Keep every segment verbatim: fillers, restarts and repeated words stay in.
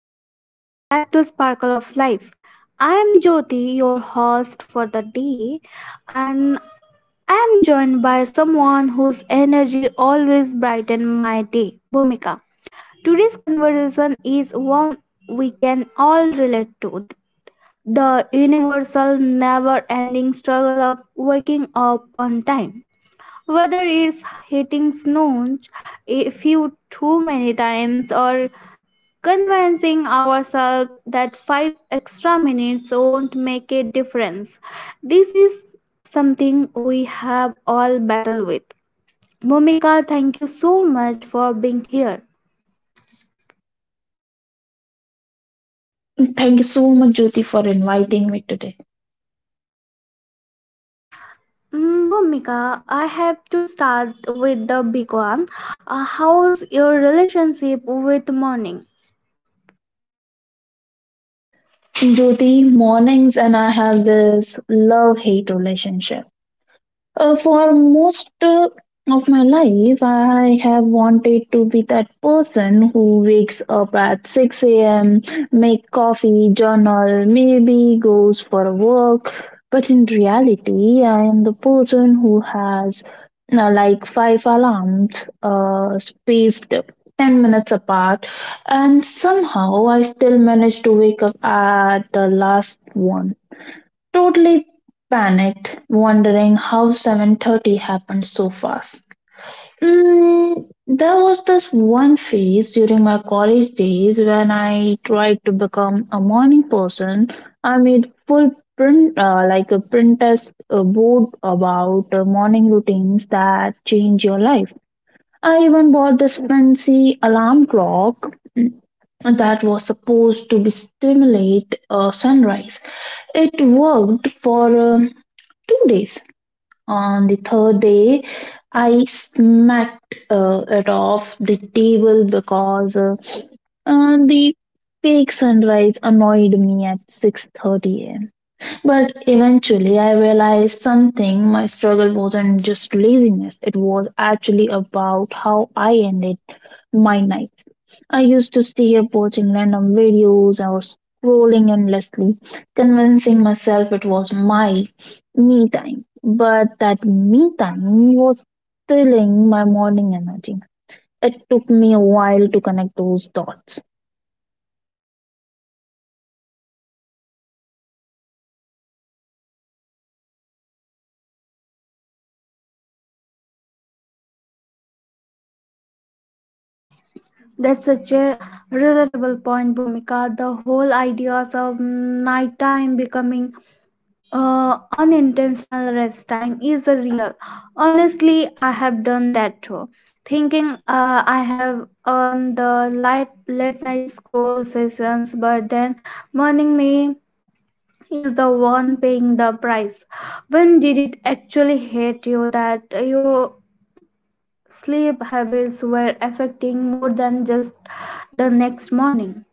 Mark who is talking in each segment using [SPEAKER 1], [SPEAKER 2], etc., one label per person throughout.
[SPEAKER 1] everyone, welcome back to Sparkle of Life. I am Jyoti, your host for the day, and I am joined by someone whose energy always brightens my day, Bhumika. Today's conversation is one we can all relate to the universal, never ending struggle of waking up on time. Whether it's hitting snooze a few too many times or convincing ourselves that five extra minutes won't make a difference. This is something we have all battled with. Bhumika, thank you so much for being here.
[SPEAKER 2] Thank you so much, Jyoti, for inviting me today.
[SPEAKER 1] Mm, Bhumika, I have to start with the big one. Uh, how's your relationship with morning?
[SPEAKER 2] Jyoti, mornings and I have this love hate relationship. Uh, for most uh, of my life, I have wanted to be that person who wakes up at six a m, make coffee, journal, maybe goes for a walk. But in reality, I am the person who has uh, like five alarms uh, spaced ten minutes apart, and somehow I still manage to wake up at the last one. Totally panicked, wondering how seven thirty happened so fast. Mm, there was this one phase during my college days when I tried to become a morning person. I made full print uh, like a print test uh, board about uh, morning routines that change your life. I even bought this fancy alarm clock mm, that was supposed to be stimulate uh, sunrise. It worked for um, two days. On the third day, I smacked uh, it off the table because uh, uh, the fake sunrise annoyed me at six thirty a m. But eventually, I realized something. My struggle wasn't just laziness; it was actually about how I ended my night. I used to stay up watching random videos or scrolling endlessly, convincing myself it was my me time. But that me time was stealing my morning energy. It took me a while to connect those dots.
[SPEAKER 1] That's such a relatable point, Bhumika. The whole ideas of nighttime becoming Uh, unintentional rest time is a real. Honestly, I have done that too. Thinking uh, I have on the light late night scroll sessions, but then morning me is the one paying the price. When did it actually hit you that your sleep habits were affecting more than just the next morning?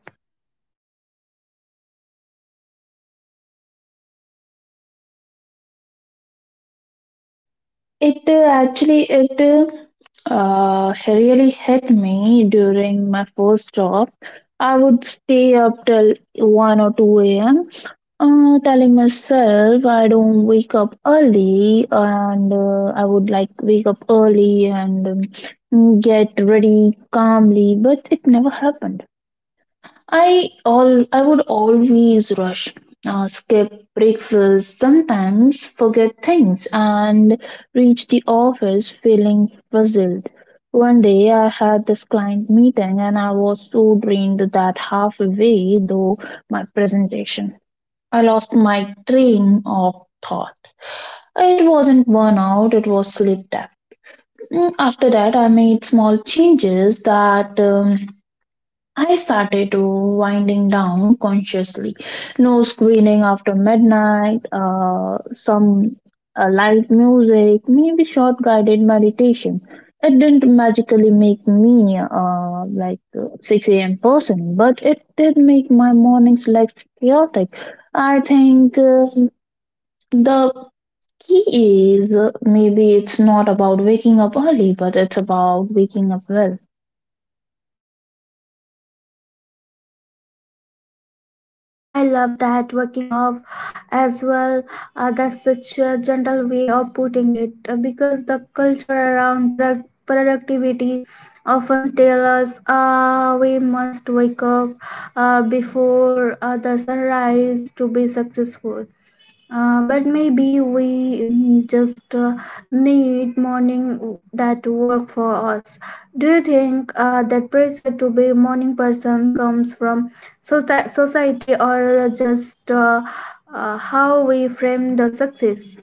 [SPEAKER 2] It uh, actually it uh, uh, really hit me during my first job. I would stay up till one or two a m. Uh, telling myself I don't wake up early and uh, I would like wake up early and um, get ready calmly, but it never happened. I all I would always rush, uh, skip breakfast, sometimes forget things, and reach the office feeling puzzled. One day I had this client meeting and I was so drained that halfway through my presentation. I lost my train of thought. It wasn't burnout, it was sleep debt. Mm, After that, I made small changes that um, I started to winding down consciously. No screening after midnight, uh, some uh, light music, maybe short guided meditation. It didn't magically make me uh, like uh, six a m person, but it did make my mornings less chaotic. I think. Uh, the key is uh, maybe it's not about waking up early, but it's about waking up well.
[SPEAKER 1] I love that working off as well. Uh, that's such a gentle way of putting it uh, because the culture around product- productivity often tells us uh, we must wake up uh, before uh, the sunrise to be successful. Uh, but maybe we mm, just uh, need morning w- that work for us. Do you think uh, that pressure to be a morning person comes from soci- society or just uh, uh, how we frame the success?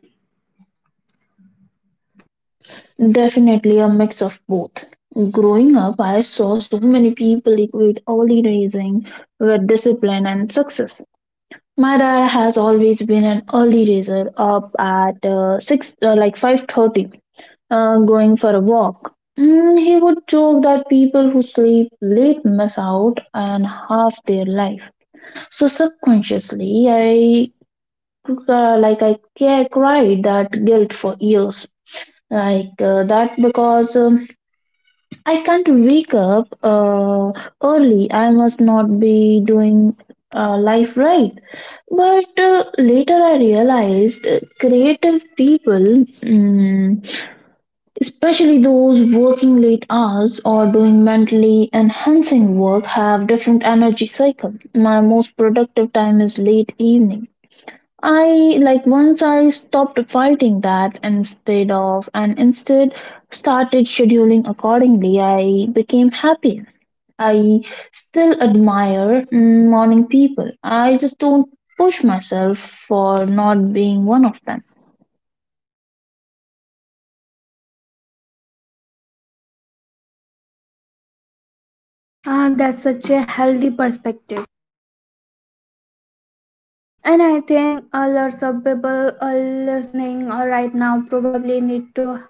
[SPEAKER 2] Definitely a mix of both. Growing up, I saw so many people equate early rising with discipline and success. My dad has always been an early riser, up at uh, six, uh, like five thirty, uh, going for a walk. Mm, he would joke that people who sleep late miss out on half their life. So subconsciously, I uh, like I, ca- cried that guilt for years, like uh, that because um, I can't wake up uh, early, I must not be doing uh, life right. But uh, later I realized uh, creative people, mm, especially those working late hours or doing mentally enhancing work, have different energy cycle. My most productive time is late evening. I like Once I stopped fighting that, instead of and instead started scheduling accordingly, I became happier. I still admire mm, morning people. I just don't push myself for not being one of them.
[SPEAKER 1] Uh, that's such a healthy perspective. And I think uh, lots of people are listening uh, right now probably need to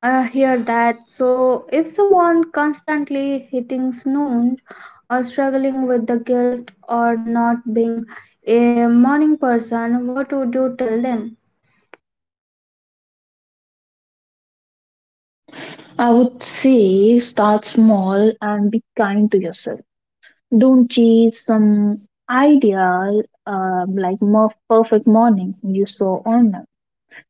[SPEAKER 1] I hear that. So, if someone constantly hitting snooze or struggling with the guilt or not being a morning person, what would you tell them?
[SPEAKER 2] I would say start small and be kind to yourself. Don't chase some ideal uh, like more perfect morning you saw online.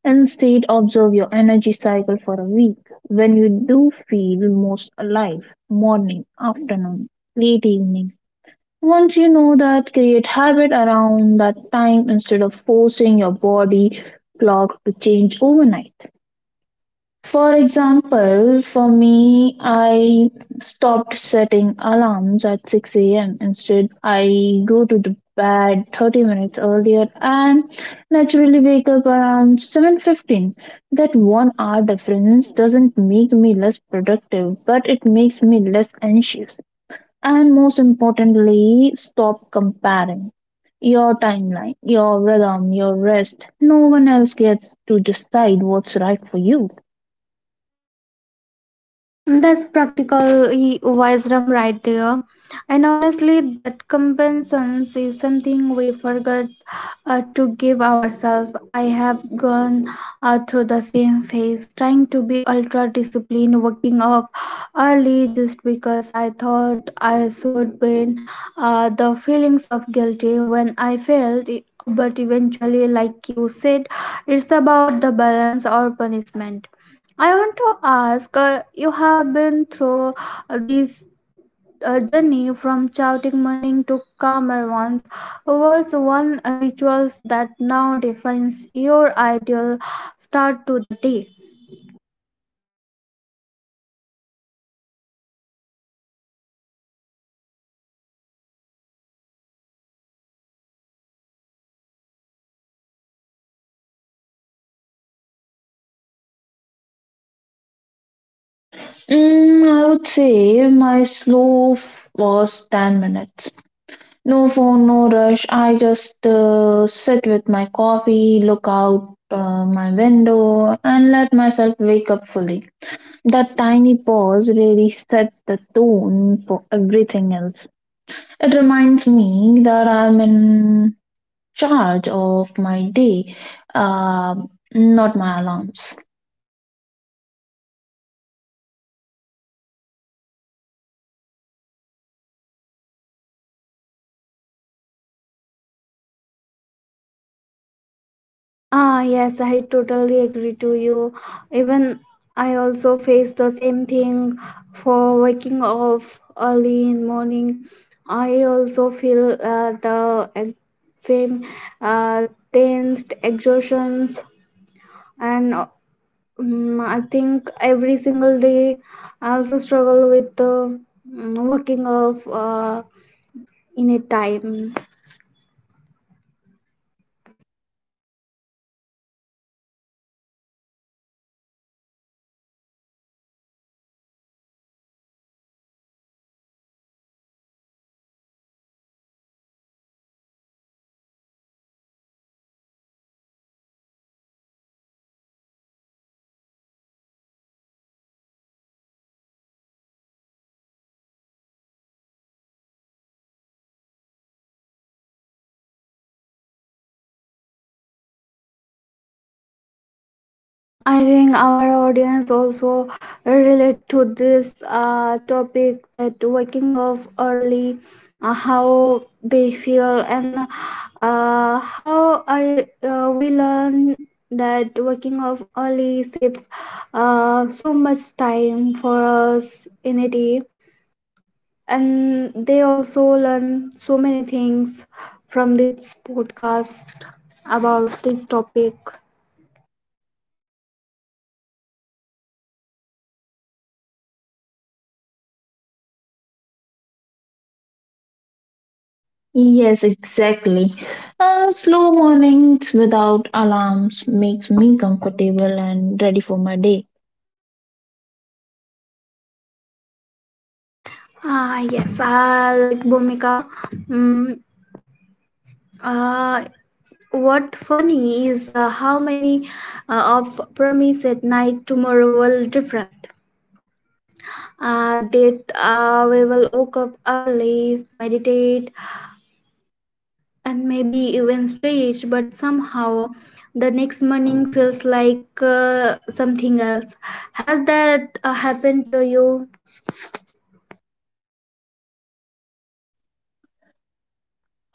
[SPEAKER 2] Instead, observe your energy cycle for a week. When you do feel most alive, morning, afternoon, late evening. Once you know that, create habit around that time instead of forcing your body clock to change overnight. For example, for me, I stopped setting alarms at six a m. Instead, I go to the bed thirty minutes earlier and naturally wake up around seven fifteen. That one hour difference doesn't make me less productive, but it makes me less anxious. And most importantly, stop comparing your timeline, your rhythm, your rest. No one else gets to decide what's right for you.
[SPEAKER 1] That's practical he- wisdom right there. And honestly, that compensation is something we forgot uh, to give ourselves. I have gone uh, through the same phase, trying to be ultra disciplined, waking up early just because I thought I should win. Uh, the feelings of guilty when I failed, but eventually, like you said, it's about the balance or punishment. I want to ask uh, you have been through uh, this uh, journey from shouting morning to calmer ones. What's one rituals that now defines your ideal start to the day?
[SPEAKER 2] Mm, I would say my slow f- was ten minutes. No phone, no rush. I just uh, sit with my coffee, look out uh, my window, and let myself wake up fully. That tiny pause really set the tone for everything else. It reminds me that I'm in charge of my day, uh, not my alarms.
[SPEAKER 1] Ah, yes, I totally agree to you. Even I also face the same thing for waking up early in morning. I also feel uh, the ex- same uh, tensed exhaustions and uh, mm, I think every single day I also struggle with the mm, working of uh, in a time. I think our audience also relate to this uh, topic that waking up early, uh, how they feel, and uh, how I uh, we learn that waking up early saves uh, so much time for us in a day, and they also learn so many things from this podcast about this topic.
[SPEAKER 2] Yes, exactly. Uh, slow mornings without alarms makes me comfortable and ready for my day.
[SPEAKER 1] Ah yes uh, like Bhumika, mm, uh, what funny is uh, how many uh, of promise at night tomorrow will different, uh, that uh, we will wake up early, meditate, and maybe even stretch, but somehow the next morning feels like uh, something else. Has that uh, happened to you?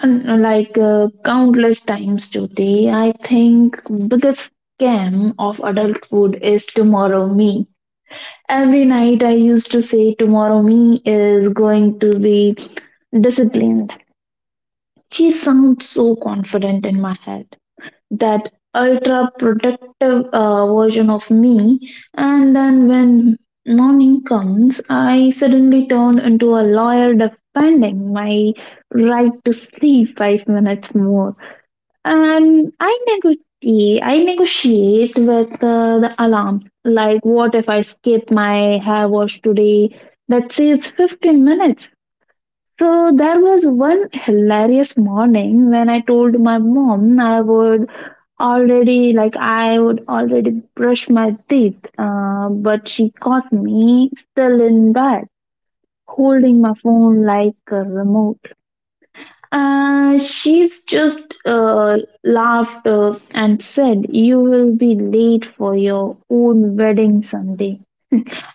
[SPEAKER 2] And uh, like uh, countless times today, I think biggest scam of adulthood is tomorrow me. Every night I used to say tomorrow me is going to be disciplined. She sounds so confident in my head, that ultra protective uh, version of me, and then when morning comes, I suddenly turn into a lawyer defending my right to sleep five minutes more. And i negotiate i negotiate with uh, the alarm, like what if I skip my hair wash today, that says fifteen minutes? So there was one hilarious morning when I told my mom I would already like I would already brush my teeth, uh, but she caught me still in bed holding my phone like a remote. Uh, she's just uh, laughed uh, and said, "You will be late for your own wedding someday."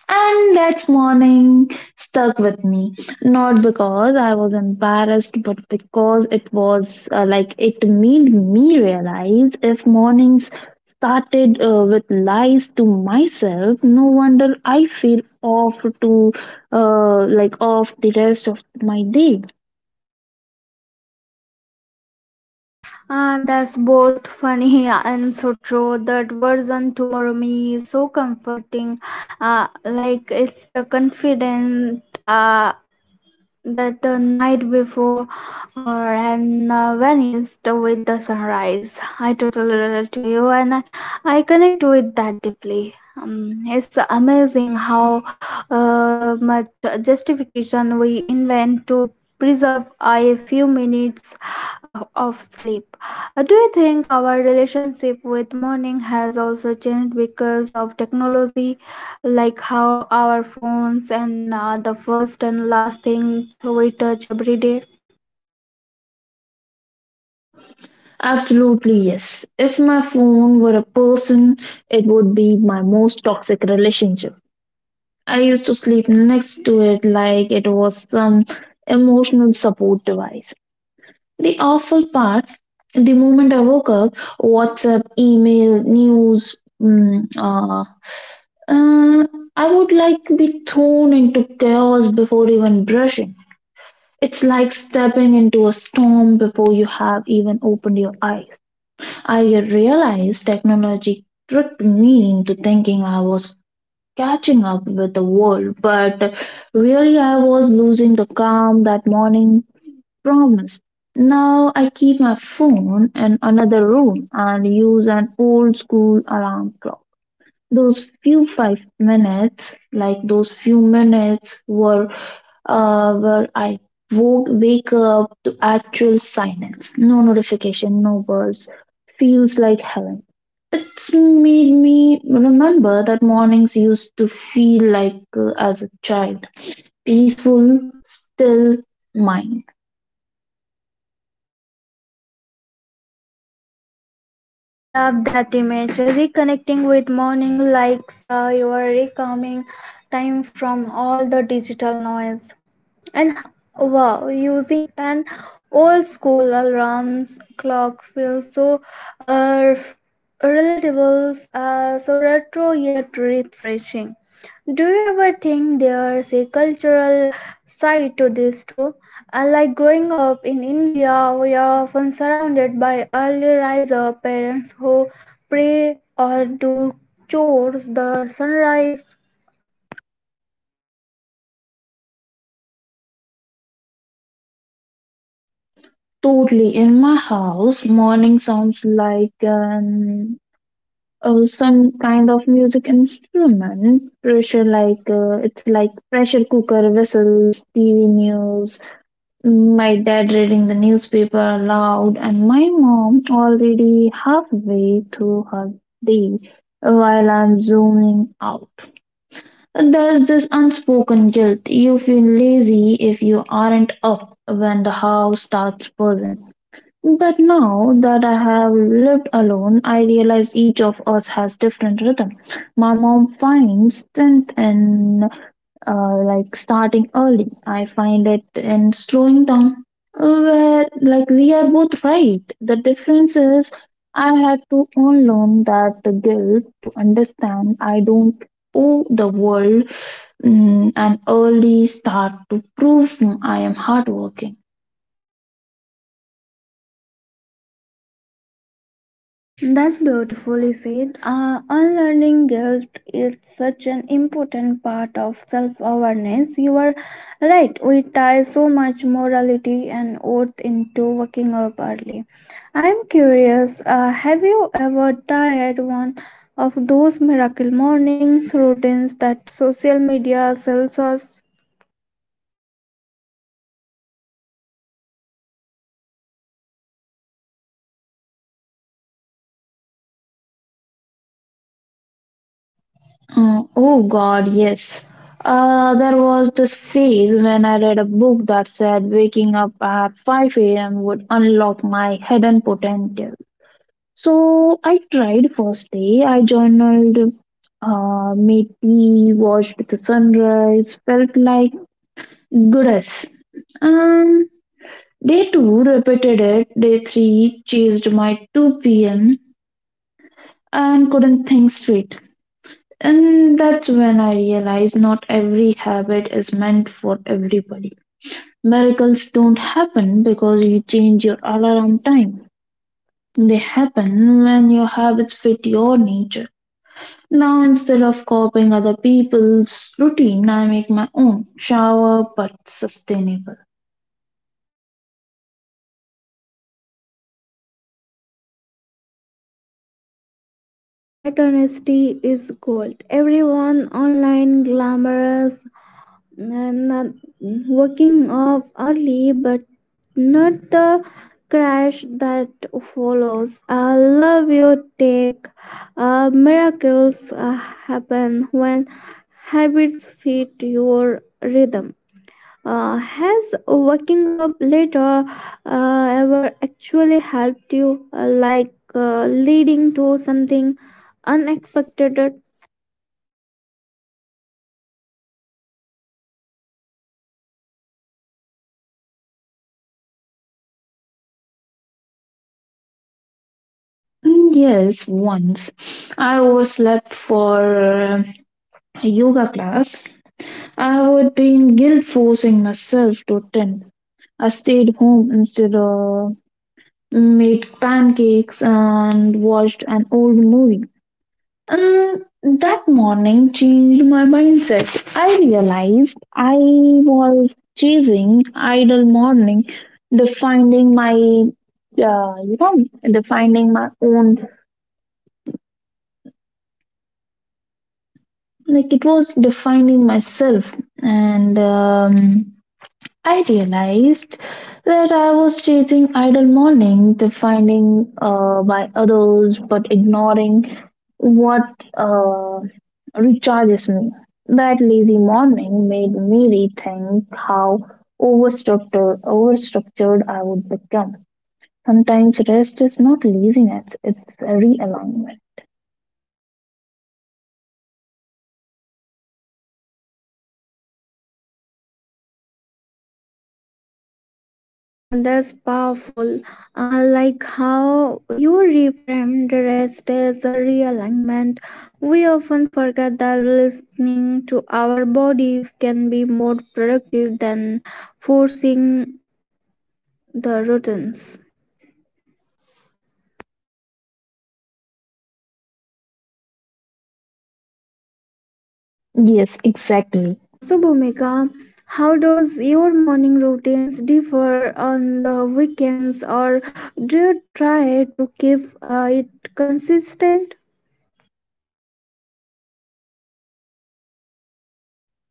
[SPEAKER 2] And that morning stuck with me, not because I was embarrassed, but because it was uh, like it made me realize if mornings started uh, with lies to myself, no wonder I feel off to uh, like off the rest of my day.
[SPEAKER 1] Uh, that's both funny and so true. That version tomorrow me is so comforting, uh, like it's the confident uh, that the night before uh, and uh, vanished with the sunrise. I totally relate to you and I, I connect with that deeply. Um, it's amazing how uh, much justification we invent to preserve a few minutes uh, of sleep. Uh, do you think our relationship with morning has also changed because of technology? Like how our phones and uh, the first and last things we touch every day.
[SPEAKER 2] Absolutely, yes. If my phone were a person, it would be my most toxic relationship. I used to sleep next to it like it was some emotional support device. The awful part, the moment I woke up, WhatsApp, email, news, mm, uh, uh, I would like be thrown into chaos before even brushing. It's like stepping into a storm before you have even opened your eyes. I realized technology tricked me into thinking I was catching up with the world, but really I was losing the calm that morning promised. Now I keep my phone in another room and use an old school alarm clock. Those few five minutes like those few minutes were uh, where I woke wake up to actual silence, no notification, no buzz, feels like heaven. It's made me remember that mornings used to feel like uh, as a child, peaceful, still mine.
[SPEAKER 1] I love that image. uh, Reconnecting with morning likes uh, your recalming time from all the digital noise. And h- wow, using an old school alarms clock feels so uh, relatable, uh, so retro yet refreshing. Do you ever think there's a cultural side to this too? Uh, Like growing up in India, we are often surrounded by early riser parents who pray or do chores the sunrise.
[SPEAKER 2] Totally. In my house, morning sounds like an uh, some kind of music instrument pressure, like uh, it's like pressure cooker whistles, tv news, my dad reading the newspaper aloud, and my mom already halfway through her day while I'm zooming out. There's this unspoken guilt, you feel lazy if you aren't up when the house starts buzzing. But now that I have lived alone, I realize each of us has different rhythm. My mom finds strength in uh, like starting early. I find it in slowing down. Where like We are both right. The difference is I had to unlearn that guilt to understand I don't owe the world mm, an early start to prove I am hardworking.
[SPEAKER 1] That's beautifully said. Uh, unlearning guilt is such an important part of self awareness. You are right, we tie so much morality and oath into waking up early. I'm curious, uh, have you ever tried one of those miracle mornings routines that social media sells us?
[SPEAKER 2] Mm, oh God, yes. Uh, there was this phase when I read a book that said waking up at five a m would unlock my hidden potential. So I tried first day. I journaled, uh, made tea, watched the sunrise, felt like goddess. Um, Day two repeated it. Day three chased my two p m and couldn't think straight. And that's when I realized not every habit is meant for everybody. Miracles don't happen because you change your alarm time. They happen when your habits fit your nature. Now, instead of copying other people's routine, I make my own shower but sustainable.
[SPEAKER 1] That honesty is gold. Everyone online glamorous and uh, waking up early, but not the crash that follows. I love you take, uh, miracles uh, happen when habits fit your rhythm. Uh, has waking up later uh, ever actually helped you, uh, like uh, leading to something unexpected?
[SPEAKER 2] Mm, Yes, once I overslept for uh, a yoga class. I would be in guilt forcing myself to attend. I stayed home instead of, mm, made pancakes and watched an old movie. And that morning changed my mindset. I realized I was chasing idle morning, defining my, uh, you know, defining my own, like it was defining myself. And um, I realized that I was chasing idle morning, defining uh, by others, but ignoring what uh, recharges me. That lazy morning made me rethink how overstructured, overstructured I would become. Sometimes rest is not laziness, it's a realignment.
[SPEAKER 1] Uh, that's powerful. Uh, like how you reframed rest as a realignment. We often forget that listening to our bodies can be more productive than forcing the routines.
[SPEAKER 2] Yes, exactly.
[SPEAKER 1] Uh, so, Bhumika, how does your morning routines differ on the weekends, or do you try to keep uh, it consistent?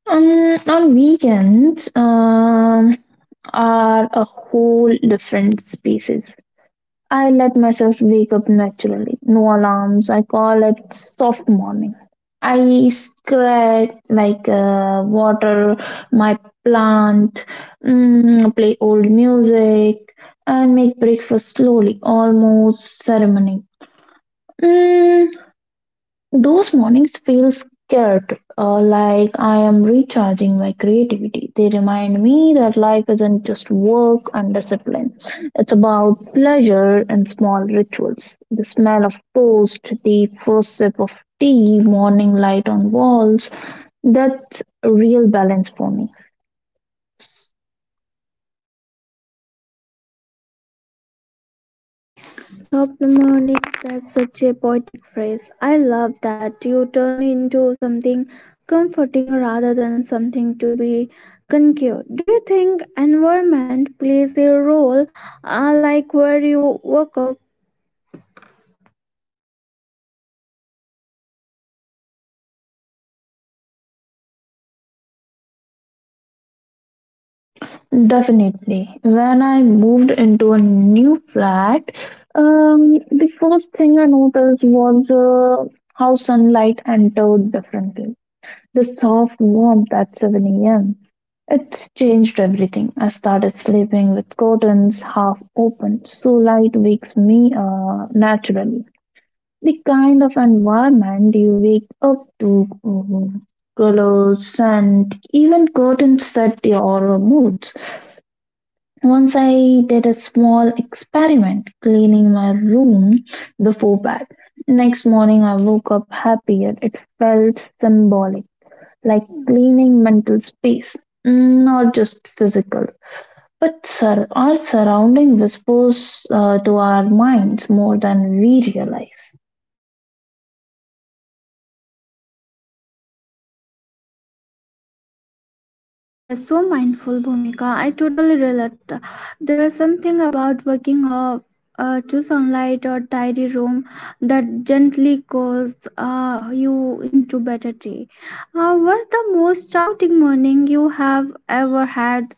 [SPEAKER 2] Um, on weekends, um, are a whole different species. I let myself wake up naturally. No alarms. I call it soft morning. I scratch, like uh, water my plant, mm, play old music, and make breakfast slowly, almost ceremony. Mm, those mornings feel scared, uh, like I am recharging my creativity. They remind me that life isn't just work and discipline, it's about pleasure and small rituals. The smell of toast, the first sip of tea, morning light on walls, that's a real balance for me.
[SPEAKER 1] Soft money, that's such a poetic phrase. I love that you turn into something comforting rather than something to be conquered. Do you think environment plays a role, uh, like where you work up?
[SPEAKER 2] Definitely. When I moved into a new flat, um, the first thing I noticed was uh, how sunlight entered differently. The soft warmth at seven a m. It changed everything. I started sleeping with curtains half open, so light wakes me uh, naturally. The kind of environment you wake up to, uh, colors, scent, even curtains, set your mood. Once I did a small experiment cleaning my room before bed. Next morning, I woke up happier. It felt symbolic, like cleaning mental space, Mm, not just physical. But sur- our surrounding whispers uh, to our minds more than we realize.
[SPEAKER 1] That's so mindful, Bhumika. I totally relate. There's something about waking up uh, to sunlight or tidy room that gently calls uh, you into better day. Uh, what's the most shouting morning you have ever had?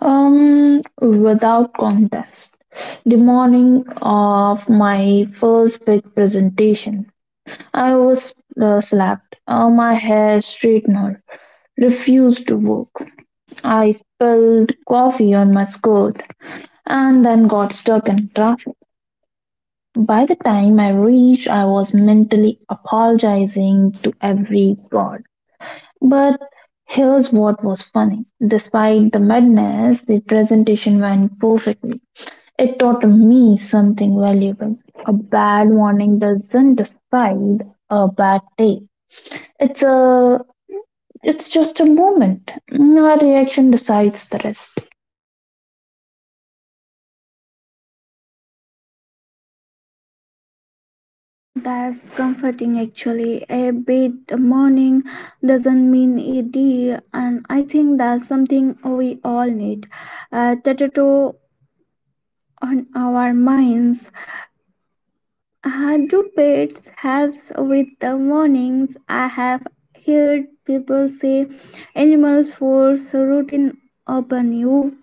[SPEAKER 2] Um, without contest, the morning of my first big presentation, I was uh, slapped. Uh, my hair straightener refused to work. I spilled coffee on my skirt and then got stuck in traffic. By the time I reached, I was mentally apologizing to every god. But here's what was funny. Despite the madness, the presentation went perfectly. It taught me something valuable. A bad warning doesn't decide a bad day. It's a It's just a moment. Our reaction decides the rest.
[SPEAKER 1] That's comforting, actually. A bad morning doesn't mean a day, and I think that's something we all need. Uh, tattoo on our minds. I do pets helps with the mornings. I have heard people say animals force routine upon you.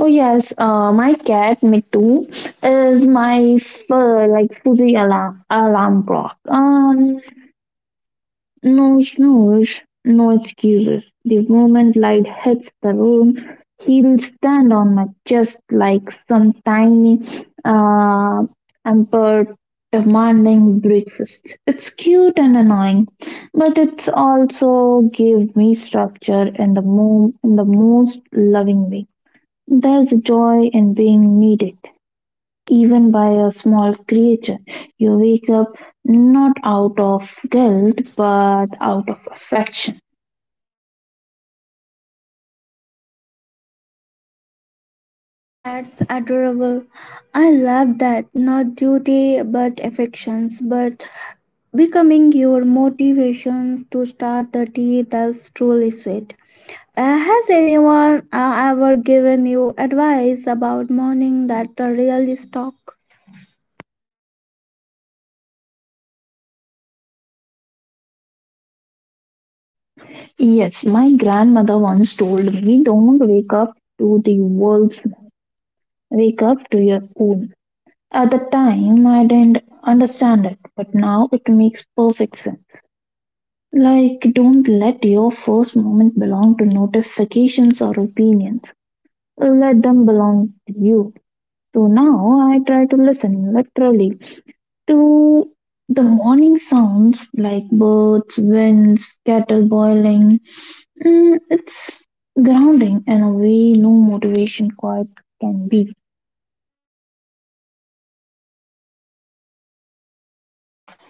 [SPEAKER 2] Oh yes, uh, my cat Mitu is my fur like fuzzy alarm alarm clock. Um, No snores, no excuses. The moment light hits the room, he'll stand on my chest like some tiny uh, emperor demanding breakfast. It's cute and annoying, but it's also give me structure in the mo- in the most loving way. There's a joy in being needed even by a small creature. You wake up not out of guilt but out of affection.
[SPEAKER 1] That's adorable. I love that. Not duty but affections, but becoming your motivations to start the day. That's truly sweet. Uh, has anyone uh, ever given you advice about morning that uh, really stuck?
[SPEAKER 2] Yes, my grandmother once told me, "Don't wake up to the world's noise. Wake up to your own." At the time, I didn't understand it, but now it makes perfect sense. Like, don't let your first moment belong to notifications or opinions. Let them belong to you. So now I try to listen, literally, to the morning sounds, like birds, winds, kettle boiling. Mm, it's grounding in a way no motivation quite can be.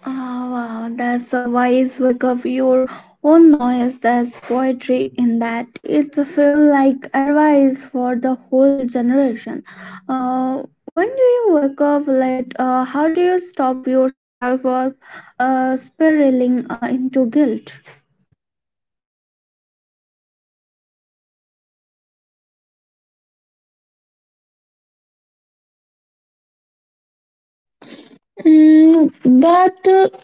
[SPEAKER 1] Ah, wow, that's a wise work of your own noise. That's poetry in that. It feels like advice for the whole generation. Uh, when do you wake up late? Uh, how do you stop yourself from uh, spiraling uh, into guilt?
[SPEAKER 2] Mm, that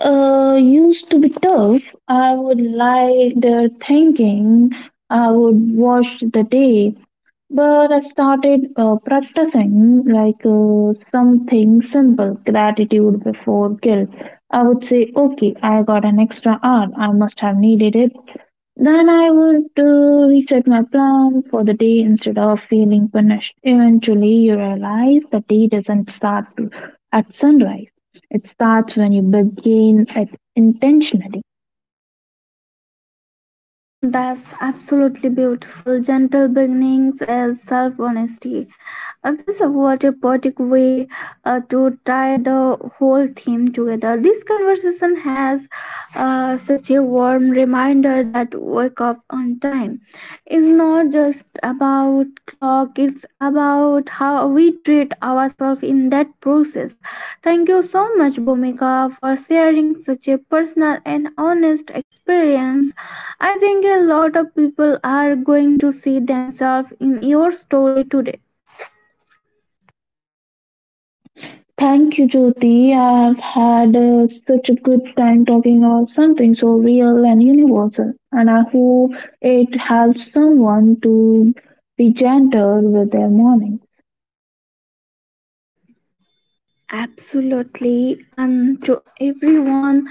[SPEAKER 2] uh, used to be tough. I would lie there thinking I would watch the day. But I started uh, practicing like uh, something simple, gratitude before guilt. I would say, okay, I got an extra hour, I must have needed it. Then I would uh, reset my plan for the day instead of feeling punished. Eventually, you realize the day doesn't start at sunrise, it starts when you begin it intentionally.
[SPEAKER 1] Mm, that's absolutely beautiful. Gentle beginnings as self honesty. And this was a poetic way uh, to tie the whole theme together. This conversation has uh, such a warm reminder that wake up on time is not just about clock, it's about how we treat ourselves in that process. Thank you so much, Bhumika, for sharing such a personal and honest experience. I think a lot of people are going to see themselves in your story today.
[SPEAKER 2] Thank you, Jyoti. I have had uh, such a good time talking about something so real and universal, and I hope it helps someone to be gentle with their morning.
[SPEAKER 1] Absolutely, and to everyone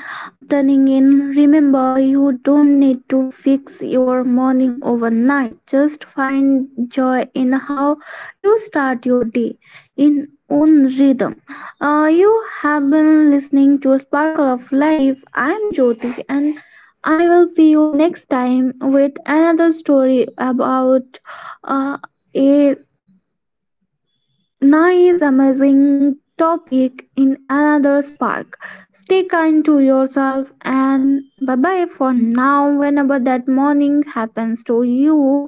[SPEAKER 1] turning in, remember you don't need to fix your morning overnight. Just find joy in how you start your day in own rhythm. Uh, you have been listening to Sparkle of Life. I'm Jyoti, and I will see you next time with another story about uh, a nice, amazing topic in another spark. Stay kind to yourself and bye bye for now. Whenever that morning happens to you,